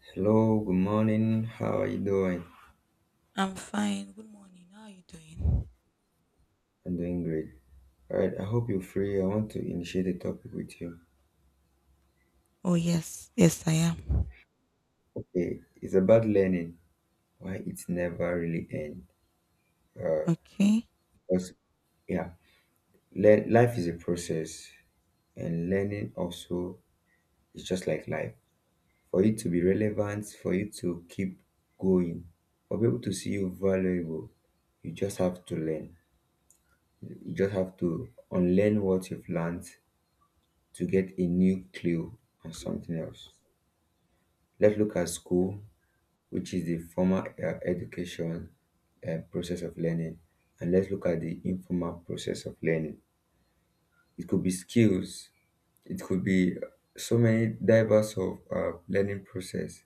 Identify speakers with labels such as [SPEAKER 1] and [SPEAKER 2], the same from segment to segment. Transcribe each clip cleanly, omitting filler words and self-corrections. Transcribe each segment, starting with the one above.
[SPEAKER 1] Hello, good morning. How are you doing?
[SPEAKER 2] I'm fine. Good morning. How are you doing?
[SPEAKER 1] I'm doing great. All right, I hope you're free. I want to initiate a topic with you.
[SPEAKER 2] Oh, yes. Yes, I am.
[SPEAKER 1] Okay, it's about learning, why it's never really end. Uh,
[SPEAKER 2] Okay.
[SPEAKER 1] because, yeah, life is a process, and learning also is just like life. For you to be relevant, for you to keep going, for people to see you valuable, you just have to learn. You just have to unlearn what you've learned to get a new clue on something else. Let's look at school, which is the formal education process of learning, and let's look at the informal process of learning. It could be skills, it could be so many diverse of learning process.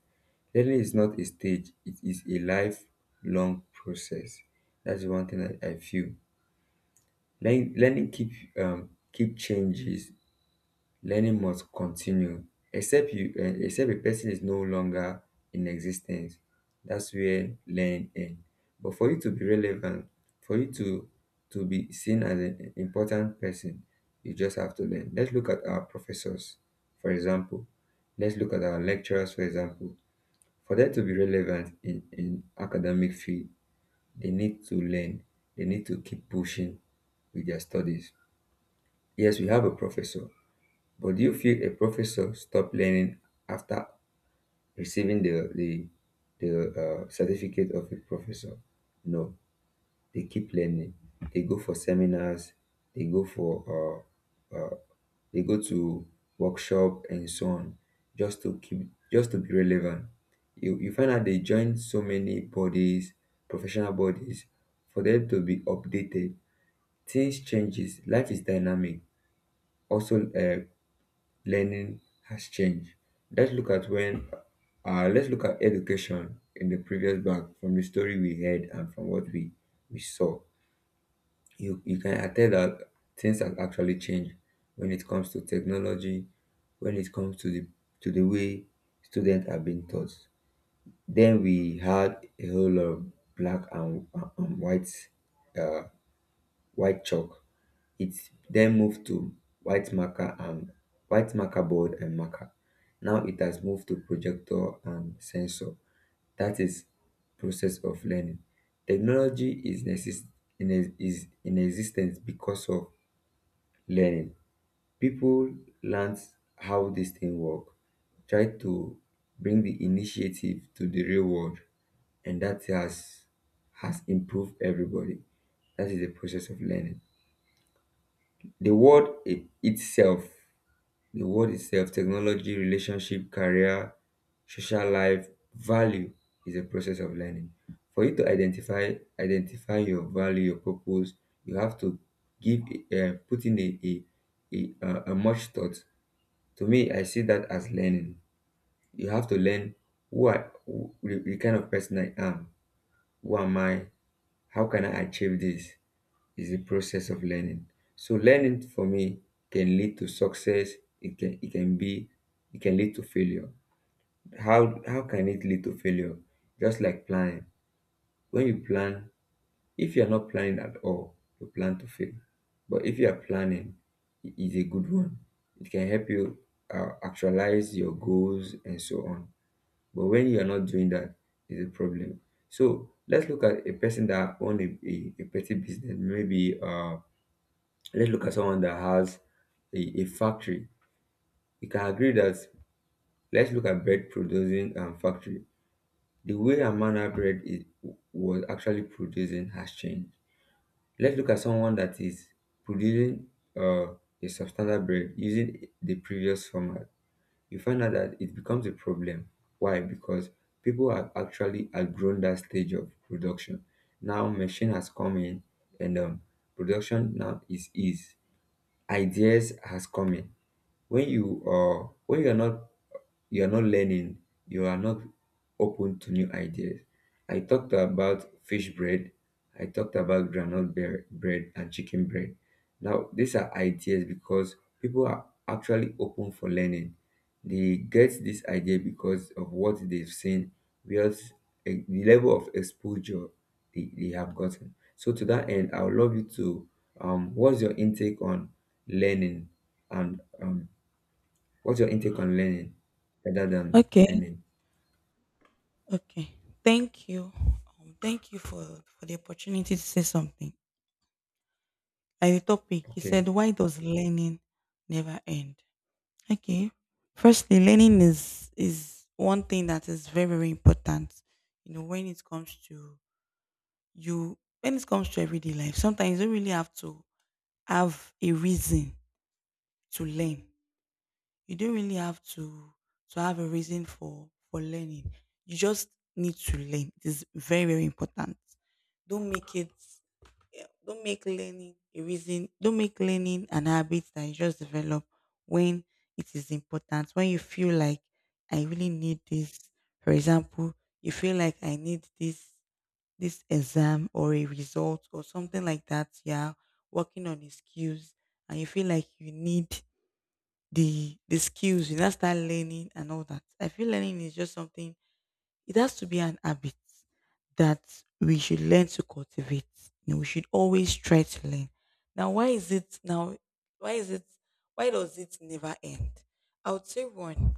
[SPEAKER 1] Learning is not a stage; it is a lifelong process. That's one thing that I feel. Learning, learning keep keep changes learning must continue except you except a person is no longer in existence, that's where learning ends. But for you to be relevant, for you to be seen as an important person, you just have to learn. Let's look at our professors, for example. Let's look at our lecturers, for example. For them to be relevant in academic field, they need to learn, they need to keep pushing with their studies. Yes, we have a professor, but do you feel a professor stop learning after receiving the certificate of a professor? No, they keep learning. They go for seminars. They go for uh, uh, they go to workshop and so on, just to keep, just to be relevant. You find out they join so many bodies, professional bodies, for them to be updated. Things changes. Life is dynamic. Also, learning has changed. Let's look at when let's look at education in the previous bank from the story we heard and from what we saw. You can attest that things have actually changed when it comes to technology, when it comes to the way students are being taught. Then we had a whole lot of black and white uh, white chalk. It then moved to white marker and white marker board and marker. Now it has moved to projector and sensor. That is process of learning. Technology is is in existence because of learning. People learned how this thing work, tried to bring the initiative to the real world, and that has improved everybody. That is the process of learning. The word i- itself, the word itself, technology, relationship, career, social life, value is a process of learning. For you to identify your value, your purpose, you have to give put in a much thought. To me, I see that as learning. You have to learn the kind of person I am, who am I, how can I achieve this, is the process of learning. So learning for me can lead to success, it can it can be it can lead to failure. How can it lead to failure? Just like planning. When you plan, if you're not planning at all, you plan to fail. But if you are planning, it is a good one. It can help you actualize your goals and so on. But when you are not doing that, is a problem. So let's look at a person that own a petty business. Maybe let's look at someone that has a factory. We can agree that let's look at bread producing and factory. The way Amana bread was actually producing has changed. Let's look at someone that is producing uh, a substandard bread using the previous format. You find out that it becomes a problem. Why? Because people have actually outgrown that stage of production. Now machine has come in and production now is ease. Ideas has come in when you are not learning, you are not open to new ideas. I talked about fish bread, I talked about bread and chicken bread. Now these are ideas because people are actually open for learning. They get this idea because of what they've seen, because the level of exposure they have gotten. So to that end, I would love you to what's your intake on learning and what's your intake on learning rather than
[SPEAKER 2] Okay.
[SPEAKER 1] earning?
[SPEAKER 2] Okay. Thank you. Thank you for the opportunity to say something. Like the topic, you
[SPEAKER 1] Okay.
[SPEAKER 2] said, why does learning never end? Okay. Firstly, learning is one thing that is very, very important. You know, when it comes to you, when it comes to everyday life, sometimes you don't really have to have a reason to learn. You don't really have to have a reason for learning. You just need to learn. It is very, very important. Don't make it, yeah, don't make learning a reason. Don't make learning an habit that you just develop when it is important. When you feel like, I really need this. For example, you feel like, I need this, this exam or a result or something like that. Yeah. Working on a skills and you feel like you need the skills, you now start learning and all that. I feel learning is just something. It has to be an habit that we should learn to cultivate. You know, we should always try to learn. Now, why is it now, why is it, why does it never end? I would say one,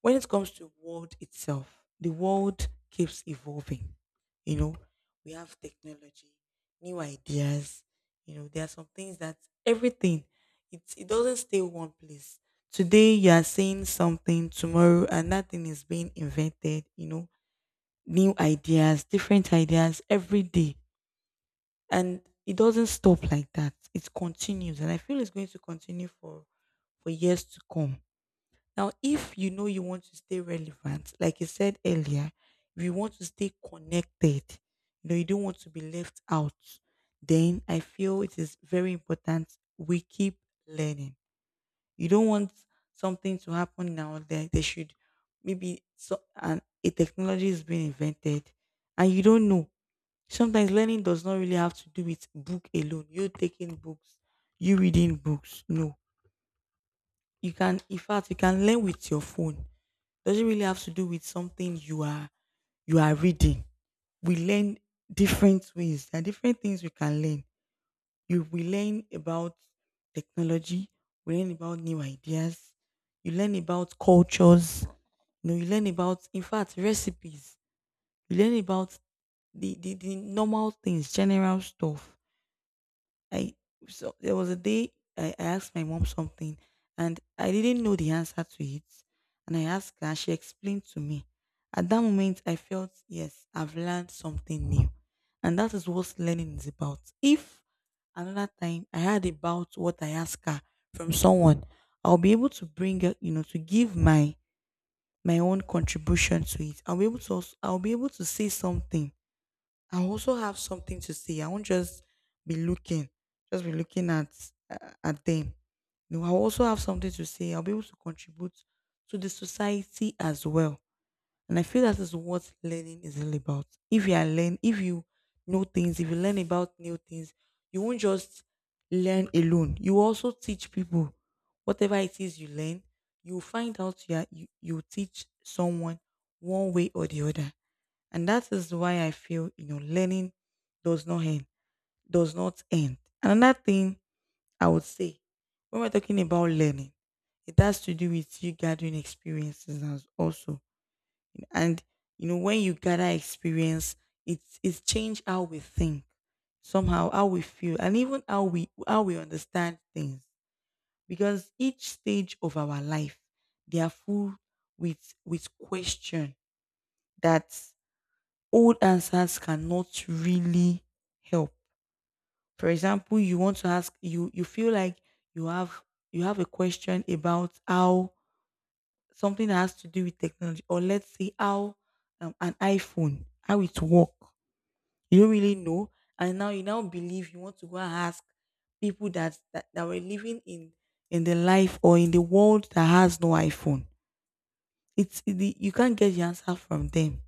[SPEAKER 2] when it comes to world itself, the world keeps evolving. You know, we have technology, new ideas. You know, there are some things that everything, it doesn't stay one place. Today you are saying something, tomorrow another thing is being invented. You know, new ideas, different ideas every day, and it doesn't stop like that. It continues, and I feel it's going to continue for years to come. Now, if you know you want to stay relevant, like I said earlier, if you want to stay connected, you know, you don't want to be left out, then I feel it is very important we keep learning. You don't want something to happen now that they should, maybe so, and a technology is being invented and you don't know. Sometimes learning does not really have to do with book alone. You taking books, you reading books. No. You can, in fact, you can learn with your phone. Doesn't really have to do with something you are reading. We learn different ways. There are different things we can learn. You we learn about technology, we learn about new ideas, you learn about cultures, you know, you learn about, in fact, recipes, you learn about the normal things, general stuff. I so there was a day I asked my mom something and I didn't know the answer to it. And I asked her, she explained to me. At that moment, I felt, yes, I've learned something new. And that is what learning is about. If another time I heard about what I asked her from someone, I'll be able to bring, to give my own contribution to it. I'll be able to also, I'll be able to say something. I also have something to say. I won't be looking, just be looking at them. No, I also have something to say. I'll be able to contribute to the society as well. And I feel that is what learning is all about. If you know things, if you learn about new things, you won't just learn alone. You also teach people whatever it is you learn. You find out you, are, you teach someone one way or the other. And that is why I feel, you know, learning does not end, does not end. Another thing I would say, when we're talking about learning, it has to do with you gathering experiences as also. And, you know, when you gather experience, it's changed how we think, somehow how we feel, and even how we understand things. Because each stage of our life, they are full with question that old answers cannot really help. For example, you want to ask you feel like you have you have a question about how, something that has to do with technology, or let's say how an iPhone how it work. You don't really know, and now you now believe you want to go and ask people that were living in the life or in the world that has no iPhone. It's the You can't get the answer from them.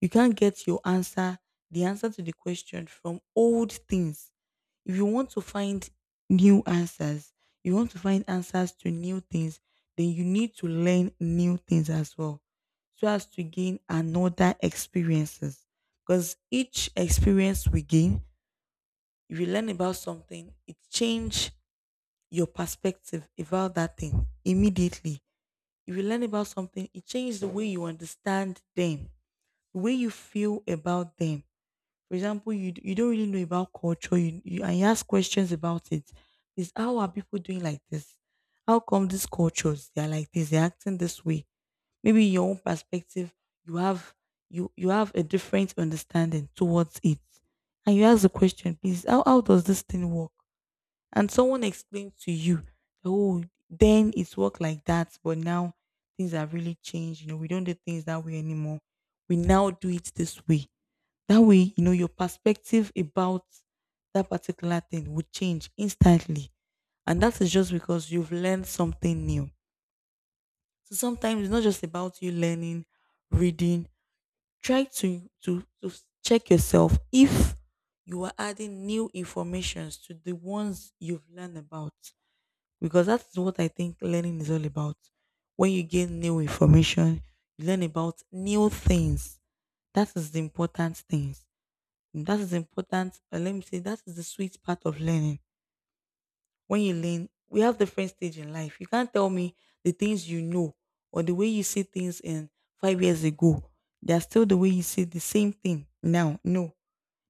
[SPEAKER 2] You can't get your answer, the answer to the question from old things. If you want to find new answers, you want to find answers to new things, then you need to learn new things as well so as to gain another experiences. Because each experience we gain, if you learn about something, it change your perspective about that thing immediately. If you learn about something, it changes the way you understand them, the way you feel about them. For example, you don't really know about culture, you and you ask questions about it. Is how are people doing like this? How come these cultures they are like this? They're acting this way. Maybe your own perspective, you have, you have a different understanding towards it, and you ask the question, please, how does this thing work? And someone explains to you, oh, then it's work like that, but now things have really changed. You know, we don't do things that way anymore. We now do it this way. That way, you know, your perspective about that particular thing would change instantly. And that is just because you've learned something new. So sometimes it's not just about you learning, reading. Try to check yourself if you are adding new informations to the ones you've learned about, because that is what I think learning is all about. When you gain new information, you learn about new things. That is the important things. And that is important. Let me say that is the sweet part of learning. When you learn, we have different stage in life. You can't tell me the things you know or the way you see things in 5 years ago. They are still the way you see the same thing now. No,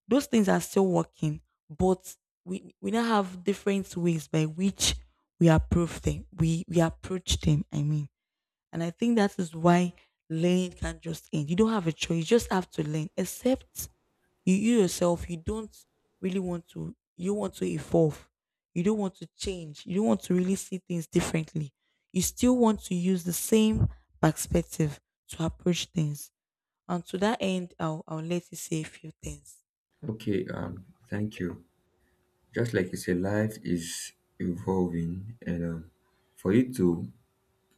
[SPEAKER 2] those things are still working, but we now have different ways by which we approve them. We approach them. I mean, and I think that is why learning can not just end. You don't have a choice. You just have to learn. Except you, you don't really want to. You want to evolve. You don't want to change. You don't want to really see things differently. You still want to use the same perspective to approach things. And to that end, I'll let you say a few things.
[SPEAKER 1] Okay. Thank you. Just like you say, life is evolving, and for you to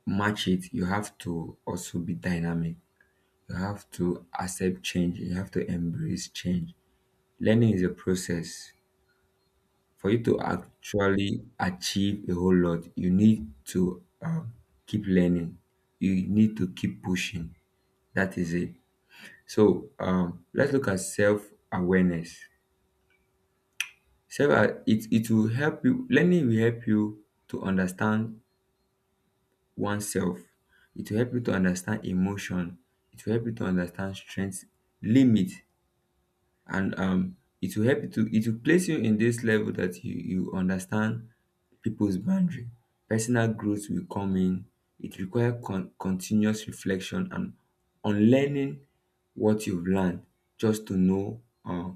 [SPEAKER 1] match it, you have to also be dynamic. You have to accept change. You have to embrace change. Learning is a process. For you to actually achieve a whole lot, you need to keep learning. You need to keep pushing. That is it. So let's look at self-awareness. It will help you, learning will help you to understand oneself. It will help you to understand emotion. It will help you to understand strength, limit, and it will help you to, it will place you in this level that you understand people's boundary. Personal growth will come in. It requires continuous reflection and unlearning what you've learned just to know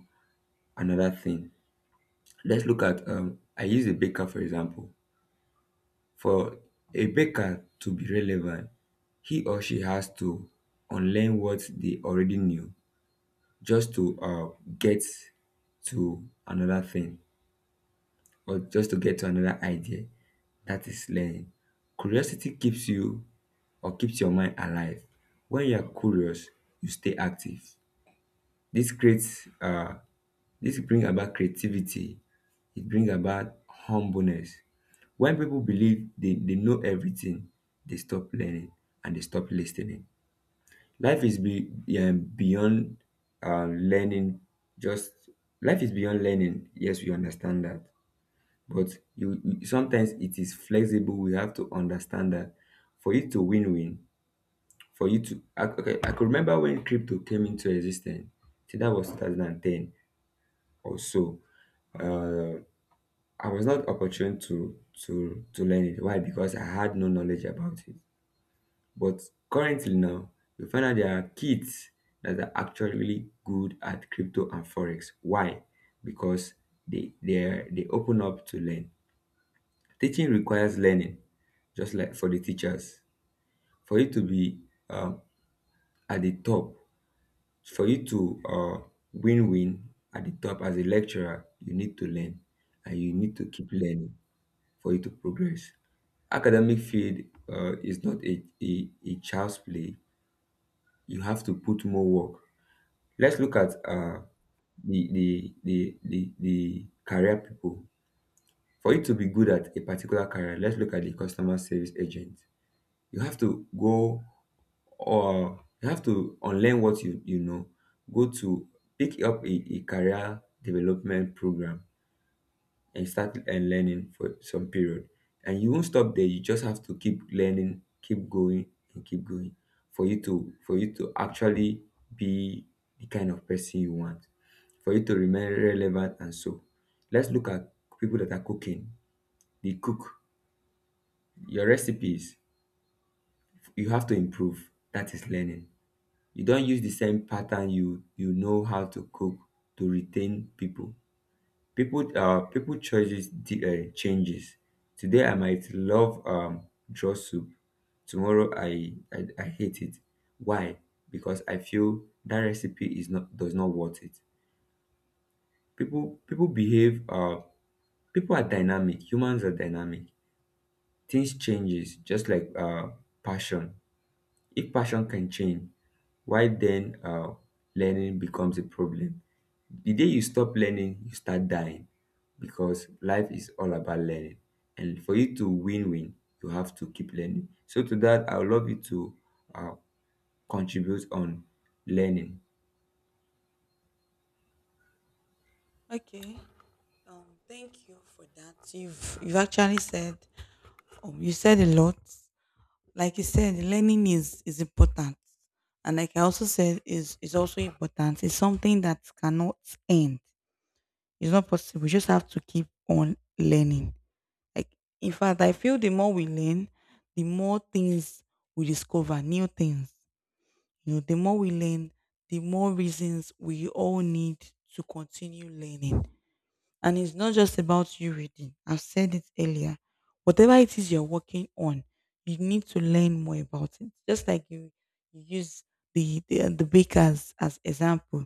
[SPEAKER 1] another thing. Let's look at I use a baker for example. For a baker to be relevant, he or she has to unlearn what they already knew just to get to another thing or just to get to another idea. That is learning. Curiosity keeps you or keeps your mind alive. When you are curious, you stay active. This creates This brings about creativity, it brings about humbleness. When people believe they know everything, they stop learning and they stop listening. Life is be beyond learning, just life is beyond learning, yes we understand that. But you sometimes it is flexible, we have to understand that for you to win, for you to okay, I could remember when crypto came into existence. I think dat was 2010 or so. Uh. I was not opportune to learn it. Why? Because I had no knowledge about it. But currently now, you find out there are kids that are actually really good at crypto and forex. Why? Because they they open up to learn. Teaching requires learning, just like for the teachers. For you to be um, at the top, for you to win win at the top as a lecturer, you need to learn and you need to keep learning, for you to progress. Academic field is not a child's play. You have to put more work. Let's look at the career people. For you to be good at a particular career, let's look at the customer service agent. You have to go or you have to unlearn what you know, go to pick up a career development program, and you start and learning for some period, and you won't stop there, you just have to keep learning, keep going and keep going, for you to actually be the kind of person you want, for you to remain relevant. And so let's look at people that are cooking. They cook your recipes, you have to improve. That is learning. You don't use the same pattern you know how to cook to retain people. People choices changes. Today I might love draw soup, tomorrow I hate it. Why? Because I feel that recipe is not does not worth it. People behave, people are dynamic, humans are dynamic. Things changes, just like passion. If passion can change, why then learning becomes a problem. The day you stop learning, you start dying, because life is all about learning. And for you to win win, you have to keep learning. So, to that, I would love you to uh, contribute on learning.
[SPEAKER 2] Okay. Thank you for that. You've actually said, you said a lot. Like you said, learning is important. And like I also said, is also important. It's something that cannot end. It's not possible. We just have to keep on learning. Like, in fact, I feel the more we learn, the more things we discover, new things. You know, the more we learn, the more reasons we all need to continue learning. And it's not just about you reading. I've said it earlier. Whatever it is you're working on, you need to learn more about it. Just like you use the bakers as example.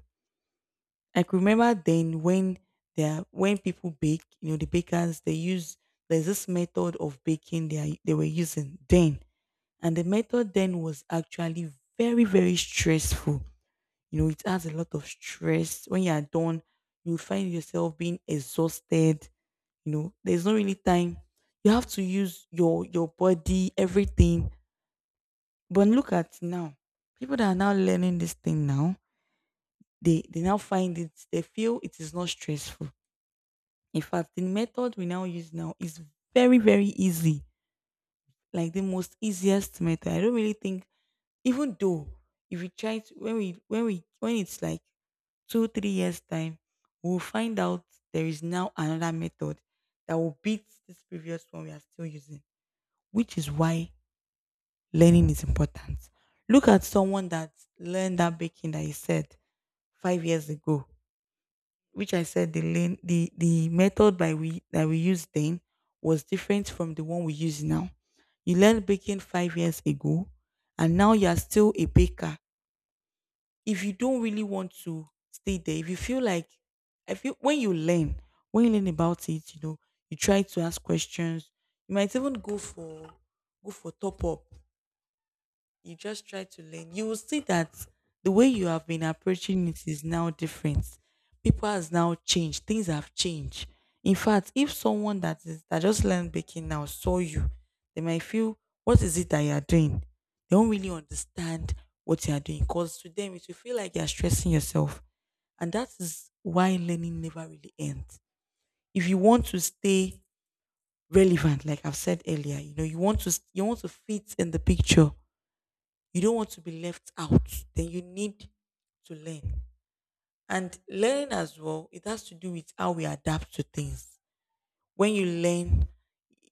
[SPEAKER 2] Like, remember then when they're when people bake, you know, the bakers they use, there's this method of baking they were using then, and the method then was actually very, very stressful. You know, it adds a lot of stress. When you are done, you find yourself being exhausted. You know, there's not really time. You have to use your body, everything. But look at now, people that are now learning this thing now, they now find it. They feel it is not stressful. In fact, the method we now use now is very, very easy, like the most easiest method. I don't really think, even though if we try to, when we when we when it's like 2 or 3 years time, we'll find out there is now another method that will beat this previous one we are still using, which is why learning is important. Look at someone that learned that baking that he said 5 years ago, which I said, the learn, the method by we that we used then was different from the one we use now. You learned baking 5 years ago and now you are still a baker. If you don't really want to stay there, if you feel like, I feel when you learn, about it, you know, you try to ask questions. You might even go for go for top up. You just try to learn. You will see that the way you have been approaching it is now different. People has now changed. Things have changed. In fact, if someone that just learned baking now saw you, they might feel, what is it that you are doing? They don't really understand what you are doing, because to them it will feel like you are stressing yourself. And that is why learning never really ends. If you want to stay relevant, like I've said earlier, you want to fit in the picture, you don't want to be left out, then you need to learn. And learning as well, it has to do with how we adapt to things. When you learn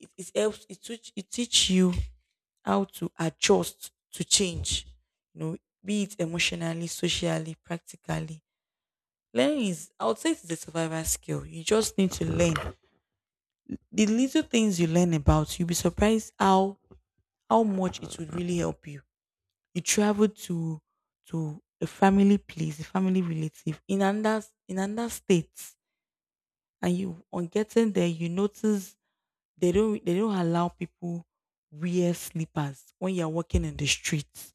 [SPEAKER 2] it, it helps, it teach you how to adjust to change, you know, be it emotionally, socially, practically. Learning is, I would say, it's a survival skill. You just need to learn. The little things you learn about, you'll be surprised how much it would really help you. You travel to a family place, a family relative in another state, and you, on getting there, you notice they don't allow people wear slippers when you're walking in the streets.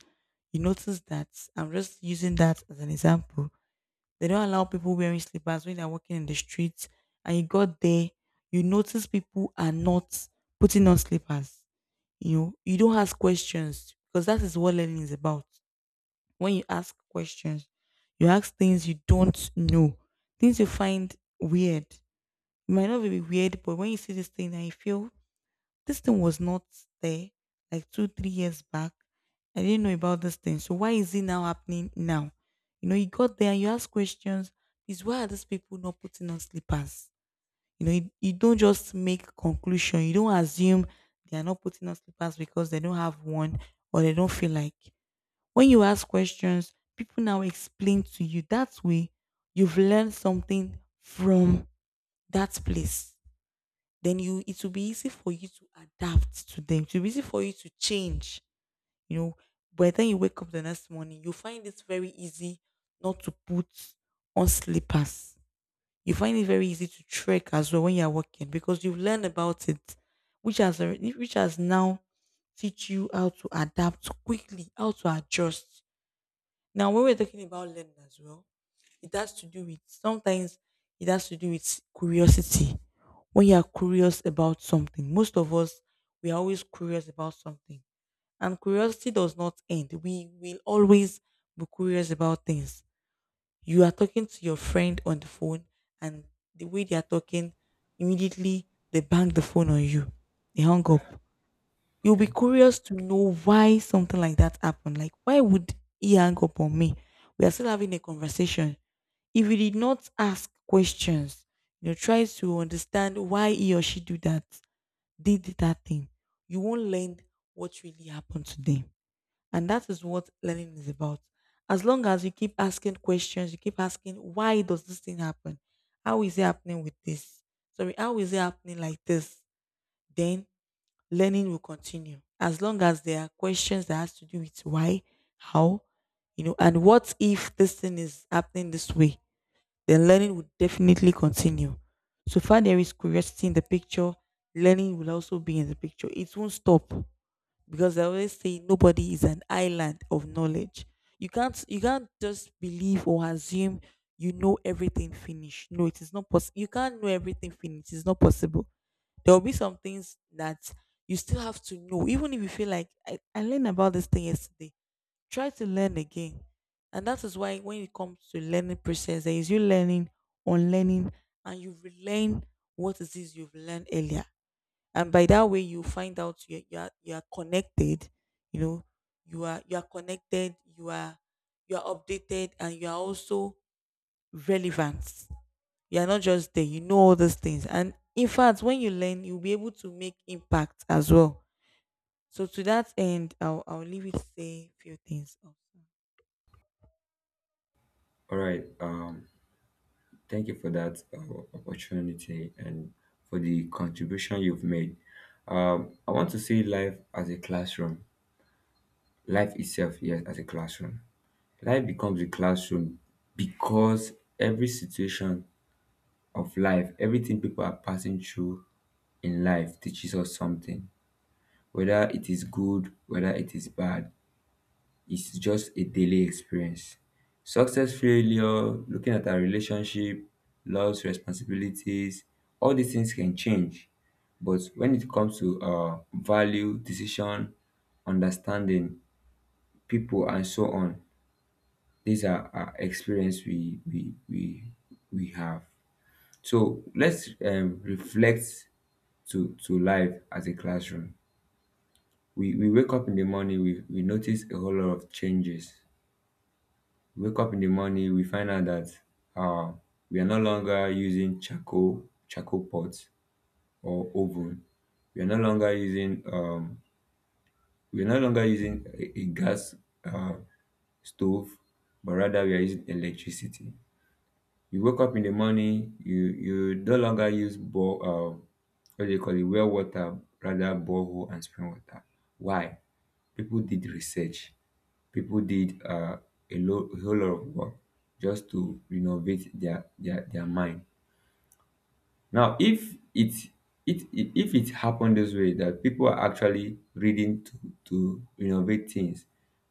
[SPEAKER 2] You notice that, I'm just using that as an example. They don't allow people wearing slippers when they're walking in the streets, and you got there, you notice people are not putting on slippers. You know, you don't ask questions, because that is what learning is about. When you ask questions, you ask things you don't know, things you find weird. It might not be weird, but when you see this thing and you feel this thing was not there like two, 3 years back, I didn't know about this thing. So why is it now happening now? You know, you got there and you ask questions. Is, why are these people not putting on slippers? You know, you don't just make conclusion. You don't assume they are not putting on slippers because they don't have one, or they don't feel like. When you ask questions, people now explain to you. That way, you've learned something from that place. It will be easy for you to adapt to them. It will be easy for you to change. You know, by the time you wake up the next morning, you find it very easy not to put on slippers. You find it very easy to trek as well when you are working, because you've learned about it, which has now teach you how to adapt quickly, how to adjust. Now, when we're talking about learning as well, it has to do with sometimes, it has to do with curiosity. When you are curious about something, most of us, we are always curious about something, and curiosity does not end. We will always be curious about things. You are talking to your friend on the phone, and the way they are talking, immediately they bang the phone on you. They hung up. You'll be
[SPEAKER 1] Okay.
[SPEAKER 2] curious to know why something like that happened. Like, why would he hang up on me? We are still having a conversation. If you did not ask questions, try to understand why he or she do that, did that thing, you won't learn what really happened to them. And that is what learning is about. As long as you keep asking questions, you keep asking, why does this thing happen? How is it happening with this? Sorry, how is it happening like this? Then learning will continue, as long as there are questions that has to do with why, how, you know, and what if this thing is happening this way, then learning will definitely continue. So far there is curiosity in the picture, learning will also be in the picture. It won't stop, because I always say nobody is an island of knowledge. You can't just believe or assume you know everything finished. No, it is not possible. You can't know everything finished. It's not possible. There will be some things that you still have to know, even if you feel like I learned about this thing yesterday. Try to learn again. And that is why when it comes to learning process, there is, you learning, unlearning, and you relearn what it is you've learned earlier. And by that way you find out, you are connected, you know, you are connected, you are updated, and you are also relevant. You are not just there, you know, all those things. And in fact, when you learn you'll be able to make impact as well. So to that end, I'll leave it to say a few things also.
[SPEAKER 1] All right. Thank you for that opportunity and for the contribution you've made. I want to see life as a classroom, life itself, yes, as a classroom. Life becomes a classroom because every situation of life. Everything people are passing through in life teaches us something. Whether it is good, whether it is bad, it's just a daily experience. Success, failure, looking at our relationship, loves, responsibilities, all these things can change. But when it comes to value, decision, understanding people, and so on, are experience we have. So let's reflect to life as a classroom. We wake up in the morning, we notice a whole lot of changes. We wake up in the morning, we find out that uh, we are no longer using charcoal pots or oven. We are no longer using we are no longer using a gas uh, stove, but rather we are using electricity. You wake up in the morning, you no longer use bore what do you call it, well water, rather borehole and spring water. Why? People did research. People did a whole lot of work just to renovate their mind. Now if if it happened this way that people are actually reading to renovate things,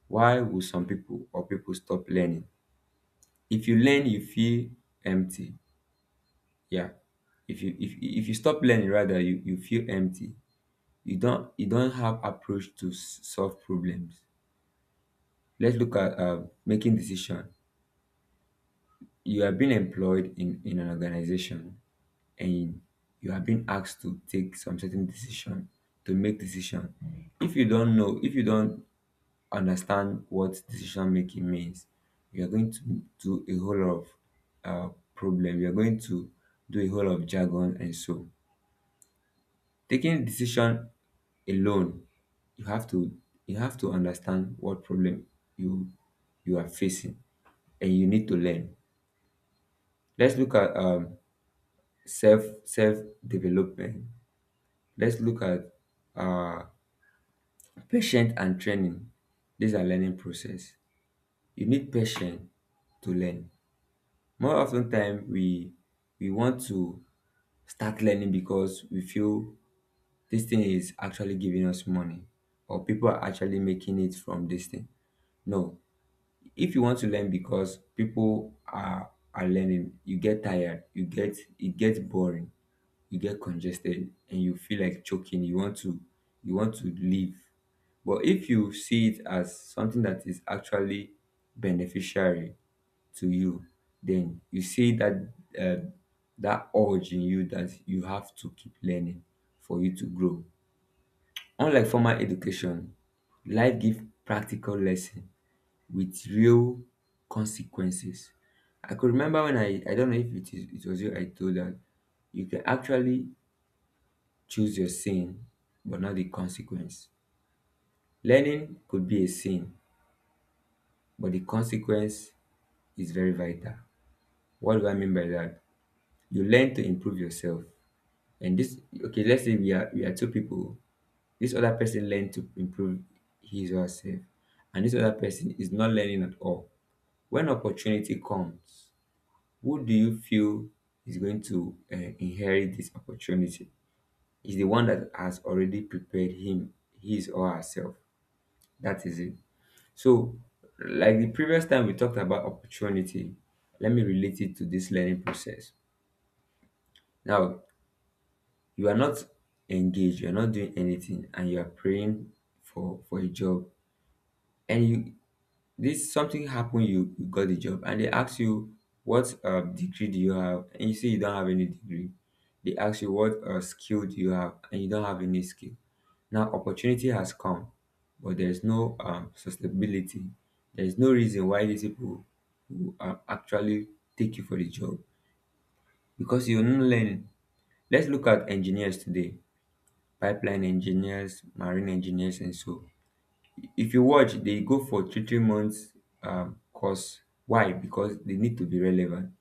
[SPEAKER 1] why would some people or people stop learning? If you learn, you feel empty. Yeah, if you stop learning, rather you feel empty. You don't have approach to solve problems. Let's look at making decision. You are being employed in an organization, and you are being asked to take some certain decision, to make decision. If you don't understand what decision making means, you are going to do a whole lot of problem. You are going to do a whole lot of jargon, and so, taking decision alone, you have to, you have to understand what problem you, you are facing, and you need to learn. Let's look at self development. Let's look at uh patient and training. These are learning process. You need patience to learn. More often time, we want to start learning because we feel this thing is actually giving us money, or people are actually making it from this thing. No, if you want to learn because people are learning, you get tired, you get, it gets boring, you get congested and you feel like choking. You want to, you want to leave. But if you see it as something that is actually beneficiary to you, then you see that uh, that urge in you, that you have to keep learning for you to grow. Unlike formal education, life gives practical lesson with real consequences. I could remember when I don't know if it was you I told that you can actually choose your sin, but not the consequence. Learning could be a sin, but the consequence is very vital. What do I mean by that? You learn to improve yourself. And this, okay, let's say we are two people. This other person learn to improve his or herself, and this other person is not learning at all. When opportunity comes, who do you feel is going to inherit this opportunity? Is the one that has already prepared him, his or herself. That is it. So, like the previous time we talked about opportunity, let me relate it to this learning process. Now, you are not engaged, you're not doing anything, and you are praying for a job. And you, this something happen, you got the job and they ask you, what degree do you have, and you say you don't have any degree. They ask you what skill do you have, and you don't have any skill. Now opportunity has come, but there's no sustainability. There's no reason why these people who actually take you for the job, because you're not learning. Let's look at engineers today, pipeline engineers, marine engineers, and so, if you watch, they go for three three months course. Why? Because they need to be relevant.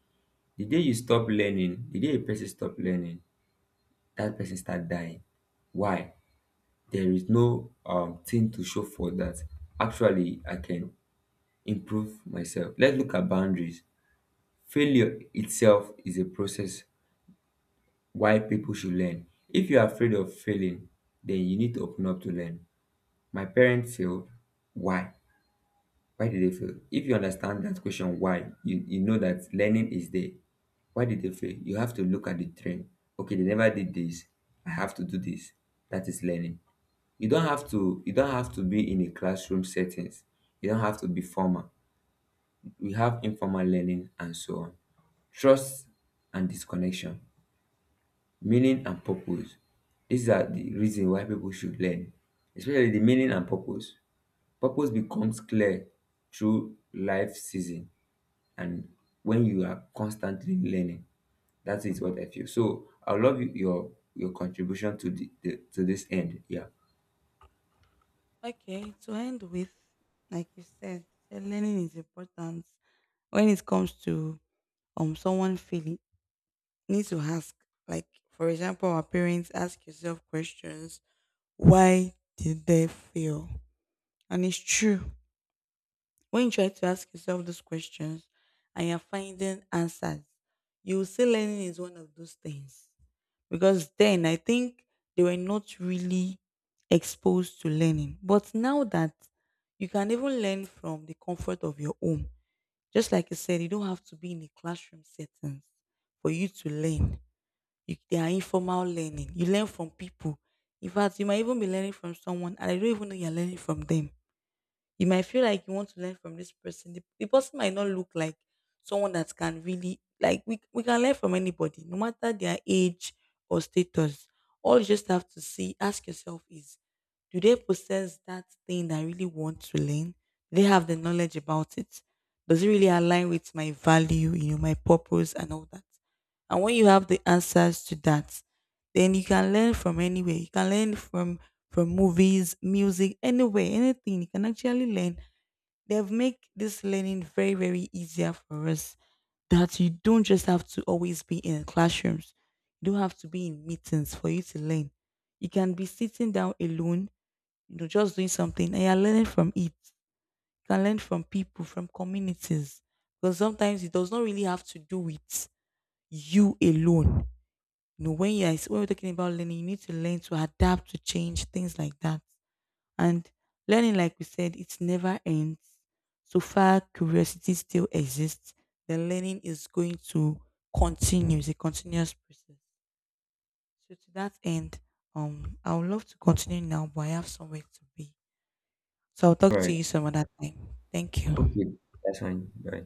[SPEAKER 1] The day you stop learning, the day a person stop learning, that person start dying. Why? There is no thing to show for that. Actually, I can improve myself. Let's look at boundaries. Failure itself is a process. Why people should learn? If you're afraid of failing, then you need to open up to learn. My parents failed. Why? Why did they fail? If you understand that question, why, you know that learning is there. Why did they fail? You have to look at the trend. Okay, they never did this, I have to do this. That is learning. You don't have to be in a classroom settings. You don't have to be formal. We have informal learning and so on. Trust and disconnection, meaning and purpose, these are the reason why people should learn, especially the meaning and purpose. Purpose becomes clear through life season. And when you are constantly learning, that is what I feel. So I love your contribution to the to this end. Yeah,
[SPEAKER 2] Okay, to end with, like you said, learning is important. When it comes to someone feeling, you need to ask. Like for example, our parents, ask yourself questions. Why did they fail? And it's true. When you try to ask yourself those questions and you're finding answers, you will see learning is one of those things, because then I think they were not really exposed to learning. But now that you can even learn from the comfort of your home, just like I said, you don't have to be in a classroom settings for you to learn. You, they are informal learning. You learn from people. In fact, you might even be learning from someone, and I don't even know you're learning from them. You might feel like you want to learn from this person. The person might not look like someone that can really, like, we can learn from anybody, no matter their age or status. All you just have to see, ask yourself, is, do they possess that thing that I really want to learn? Do they have the knowledge about it? Does it really align with my value, you know, my purpose and all that? And when you have the answers to that, then you can learn from anywhere. You can learn from movies, music, anywhere, anything. You can actually learn. They've made this learning very, very easier for us, that you don't just have to always be in classrooms. You don't have to be in meetings for you to learn. You can be sitting down alone, you know, just doing something and you're learning from it. You can learn from people, from communities. Because sometimes it does not really have to do with you alone. You know, when you are when we're talking about learning, you need to learn to adapt to change, things like that. And learning, like we said, it never ends. So far, curiosity still exists, the learning is going to continue. It's a continuous process. So to that end, I would love to continue now, but I have somewhere to be. So I'll talk
[SPEAKER 1] all
[SPEAKER 2] to
[SPEAKER 1] right,
[SPEAKER 2] you some other time. Thank you.
[SPEAKER 1] okay, that's fine, bye.